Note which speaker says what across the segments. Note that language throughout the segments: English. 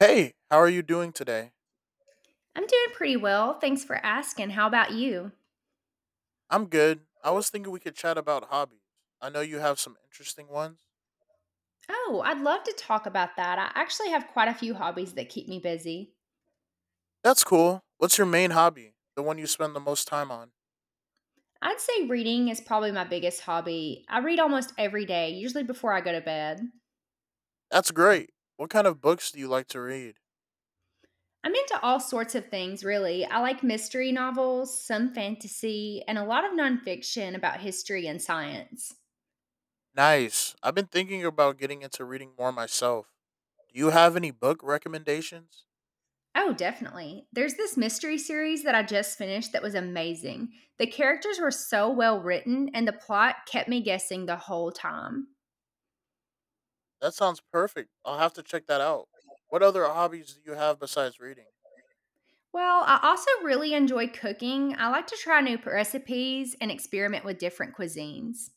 Speaker 1: Hey, how are you doing today?
Speaker 2: I'm doing pretty well. Thanks for asking. How about you?
Speaker 1: I'm good. I was thinking we could chat about hobbies. I know you have some interesting ones.
Speaker 2: Oh, I'd love to talk about that. I actually have quite a few hobbies that keep me busy.
Speaker 1: That's cool. What's your main hobby? The one you spend the most time on?
Speaker 2: I'd say reading is probably my biggest hobby. I read almost every day, usually before I go to bed.
Speaker 1: That's great. What kind of books do you like to read?
Speaker 2: I'm into all sorts of things, really. I like mystery novels, some fantasy, and a lot of nonfiction about history and science.
Speaker 1: Nice. I've been thinking about getting into reading more myself. Do you have any book recommendations?
Speaker 2: Oh, definitely. There's this mystery series that I just finished that was amazing. The characters were so well written, and the plot kept me guessing the whole time.
Speaker 1: That sounds perfect. I'll have to check that out. What other hobbies do you have besides reading?
Speaker 2: Well, I also really enjoy cooking. I like to try recipes and experiment with different cuisines.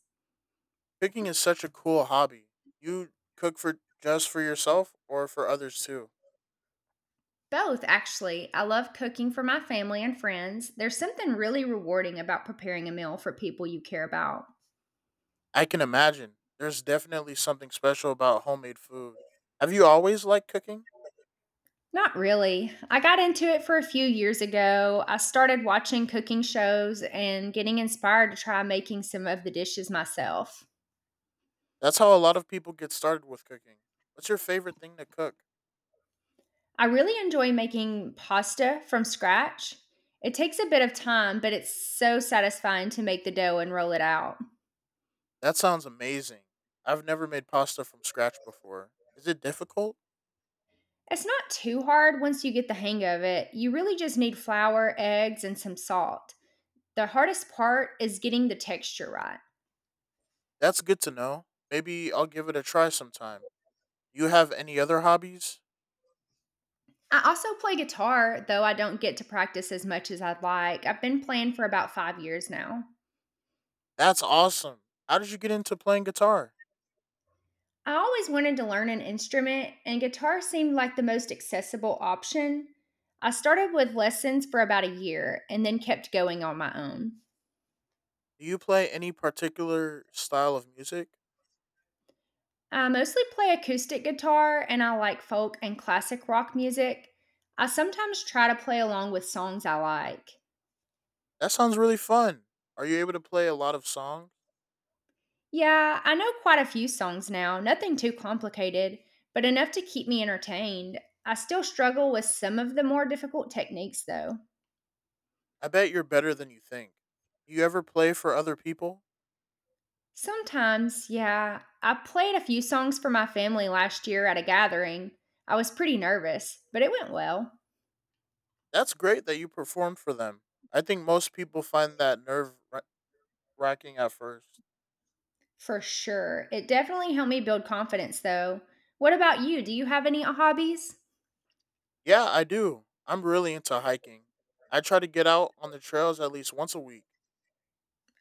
Speaker 1: Cooking is such a cool hobby. You cook for just for yourself or for others too?
Speaker 2: Both, actually. I love cooking for my family and friends. There's something really rewarding about preparing a meal for people you care about.
Speaker 1: I can imagine. There's definitely something special about homemade food. Have you always liked cooking?
Speaker 2: Not really. I got into it for a few years ago. I started watching cooking shows and getting inspired to try making some of the dishes myself.
Speaker 1: That's how a lot of people get started with cooking. What's your favorite thing to cook?
Speaker 2: I really enjoy making pasta from scratch. It takes a bit of time, but it's so satisfying to make the dough and roll it out.
Speaker 1: That sounds amazing. I've never made pasta from scratch before. Is it difficult?
Speaker 2: It's not too hard once you get the hang of it. You really just need flour, eggs, and some salt. The hardest part is getting the texture right.
Speaker 1: That's good to know. Maybe I'll give it a try sometime. You have any other hobbies?
Speaker 2: I also play guitar, though I don't get to practice as much as I'd like. I've been playing for about 5 years now.
Speaker 1: That's awesome. How did you get into playing guitar?
Speaker 2: I always wanted to learn an instrument, and guitar seemed like the most accessible option. I started with lessons for about a year and then kept going on my own.
Speaker 1: Do you play any particular style of music?
Speaker 2: I mostly play acoustic guitar and I like folk and classic rock music. I sometimes try to play along with songs I like.
Speaker 1: That sounds really fun. Are you able to play a lot of songs?
Speaker 2: Yeah, I know quite a few songs now, nothing too complicated, but enough to keep me entertained. I still struggle with some of the more difficult techniques though.
Speaker 1: I bet you're better than you think. You ever play for other people?
Speaker 2: Sometimes, yeah. I played a few songs for my family last year at a gathering. I was pretty nervous, but it went well.
Speaker 1: That's great that you perform for them. I think most people find that nerve wracking at first.
Speaker 2: For sure. It definitely helped me build confidence, though. What about you? Do you have any hobbies?
Speaker 1: Yeah, I do. I'm really into hiking. I try to get out on the trails at least once a week.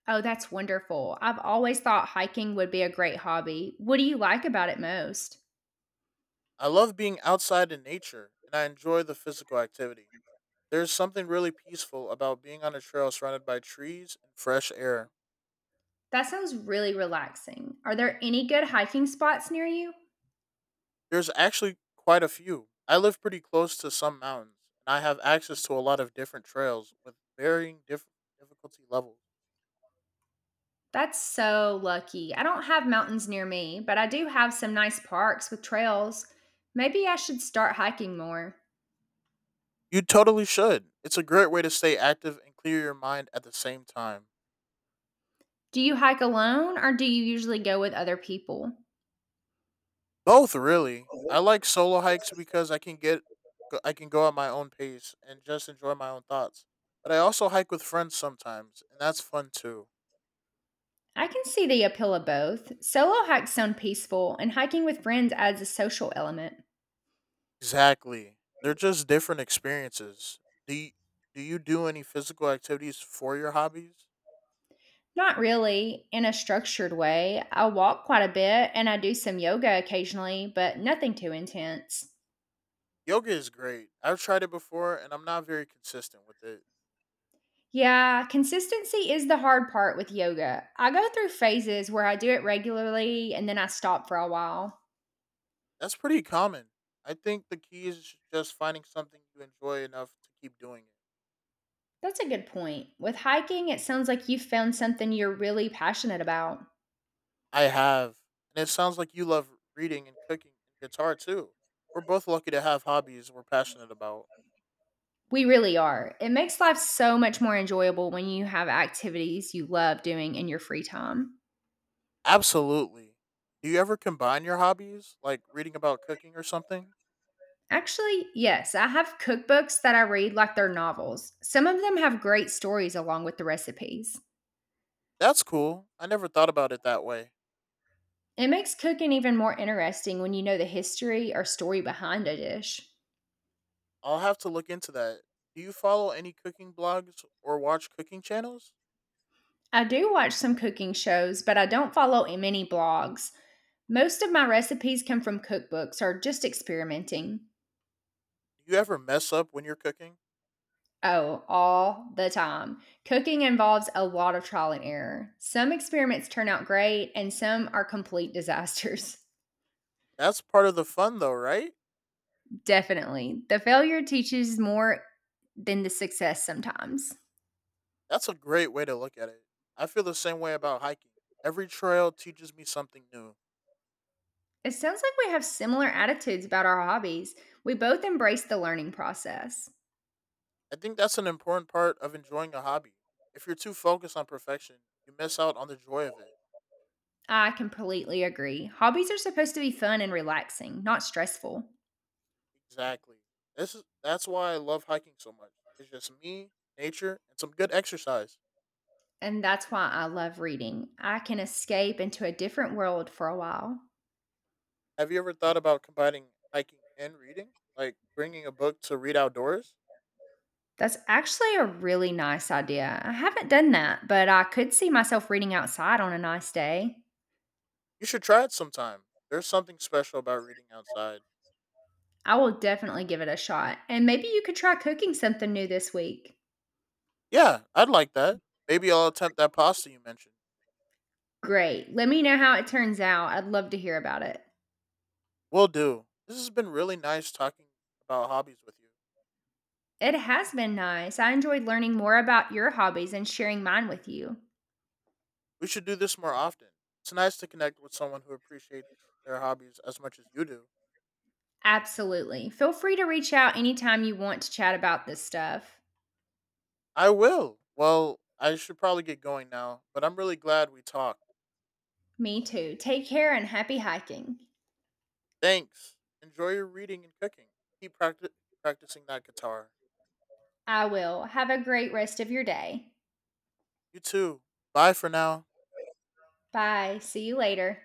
Speaker 2: Oh, that's wonderful. I've always thought hiking would be a great hobby. What do you like about it most?
Speaker 1: I love being outside in nature and I enjoy the physical activity. There's something really peaceful about being on a trail surrounded by trees and fresh air.
Speaker 2: That sounds really relaxing. Are there any good hiking spots near you?
Speaker 1: There's actually quite a few. I live pretty close to some mountains, and I have access to a lot of different trails with varying difficulty levels.
Speaker 2: That's so lucky. I don't have mountains near me, but I do have some nice parks with trails. Maybe I should start hiking more.
Speaker 1: You totally should. It's a great way to stay active and clear your mind at the same time.
Speaker 2: Do you hike alone or do you usually go with other people?
Speaker 1: Both, really. I like solo hikes because I can go at my own pace and just enjoy my own thoughts. But I also hike with friends sometimes, and that's fun too.
Speaker 2: I can see the appeal of both. Solo hikes sound peaceful, and hiking with friends adds a social element.
Speaker 1: Exactly. They're just different experiences. Do y- do you do any physical activities for your hobbies?
Speaker 2: Not really in a structured way. I walk quite a bit and I do some yoga occasionally, but nothing too intense.
Speaker 1: Yoga is great. I've tried it before and I'm not very consistent with it.
Speaker 2: Yeah, consistency is the hard part with yoga. I go through phases where I do it regularly and then I stop for a while.
Speaker 1: That's pretty common. I think the key is just finding something you enjoy enough to keep doing it.
Speaker 2: That's a good point. With hiking, it sounds like you've found something you're really passionate about.
Speaker 1: I have. And it sounds like you love reading and cooking and guitar too. We're both lucky to have hobbies we're passionate about.
Speaker 2: We really are. It makes life so much more enjoyable when you have activities you love doing in your free time.
Speaker 1: Absolutely. Do you ever combine your hobbies, like reading about cooking or something?
Speaker 2: Actually, yes, I have cookbooks that I read like they're novels. Some of them have great stories along with the recipes.
Speaker 1: That's cool. I never thought about it that way.
Speaker 2: It makes cooking even more interesting when you know the history or story behind a dish.
Speaker 1: I'll have to look into that. Do you follow any cooking blogs or watch cooking channels?
Speaker 2: I do watch some cooking shows, but I don't follow many blogs. Most of my recipes come from cookbooks or just experimenting.
Speaker 1: Do you ever mess up when you're cooking?
Speaker 2: Oh, all the time. Cooking involves a lot of trial and error. Some experiments turn out great, and some are complete disasters.
Speaker 1: That's part of the fun, though, right?
Speaker 2: Definitely. The failure teaches more than the success sometimes.
Speaker 1: That's a great way to look at it. I feel the same way about hiking. Every trail teaches me something new.
Speaker 2: It sounds like we have similar attitudes about our hobbies. We both embrace the learning process.
Speaker 1: I think that's an important part of enjoying a hobby. If you're too focused on perfection, you miss out on the joy of it.
Speaker 2: I completely agree. Hobbies are supposed to be fun and relaxing, not stressful.
Speaker 1: Exactly. That's why I love hiking so much. It's just me, nature, and some good exercise.
Speaker 2: And that's why I love reading. I can escape into a different world for a while.
Speaker 1: Have you ever thought about combining hiking and reading? Like bringing a book to read outdoors?
Speaker 2: That's actually a really nice idea. I haven't done that, but I could see myself reading outside on a nice day.
Speaker 1: You should try it sometime. There's something special about reading outside.
Speaker 2: I will definitely give it a shot. And maybe you could try cooking something new this week.
Speaker 1: Yeah, I'd like that. Maybe I'll attempt that pasta you mentioned.
Speaker 2: Great. Let me know how it turns out. I'd love to hear about it.
Speaker 1: Will do. This has been really nice talking about hobbies with you.
Speaker 2: It has been nice. I enjoyed learning more about your hobbies and sharing mine with you.
Speaker 1: We should do this more often. It's nice to connect with someone who appreciates their hobbies as much as you do.
Speaker 2: Absolutely. Feel free to reach out anytime you want to chat about this stuff.
Speaker 1: I will. Well, I should probably get going now, but I'm really glad we talked.
Speaker 2: Me too. Take care and happy hiking.
Speaker 1: Thanks. Enjoy your reading and cooking. Keep practi- Practicing that guitar.
Speaker 2: I will. Have a great rest of your day.
Speaker 1: You too. Bye for now.
Speaker 2: Bye. See you later.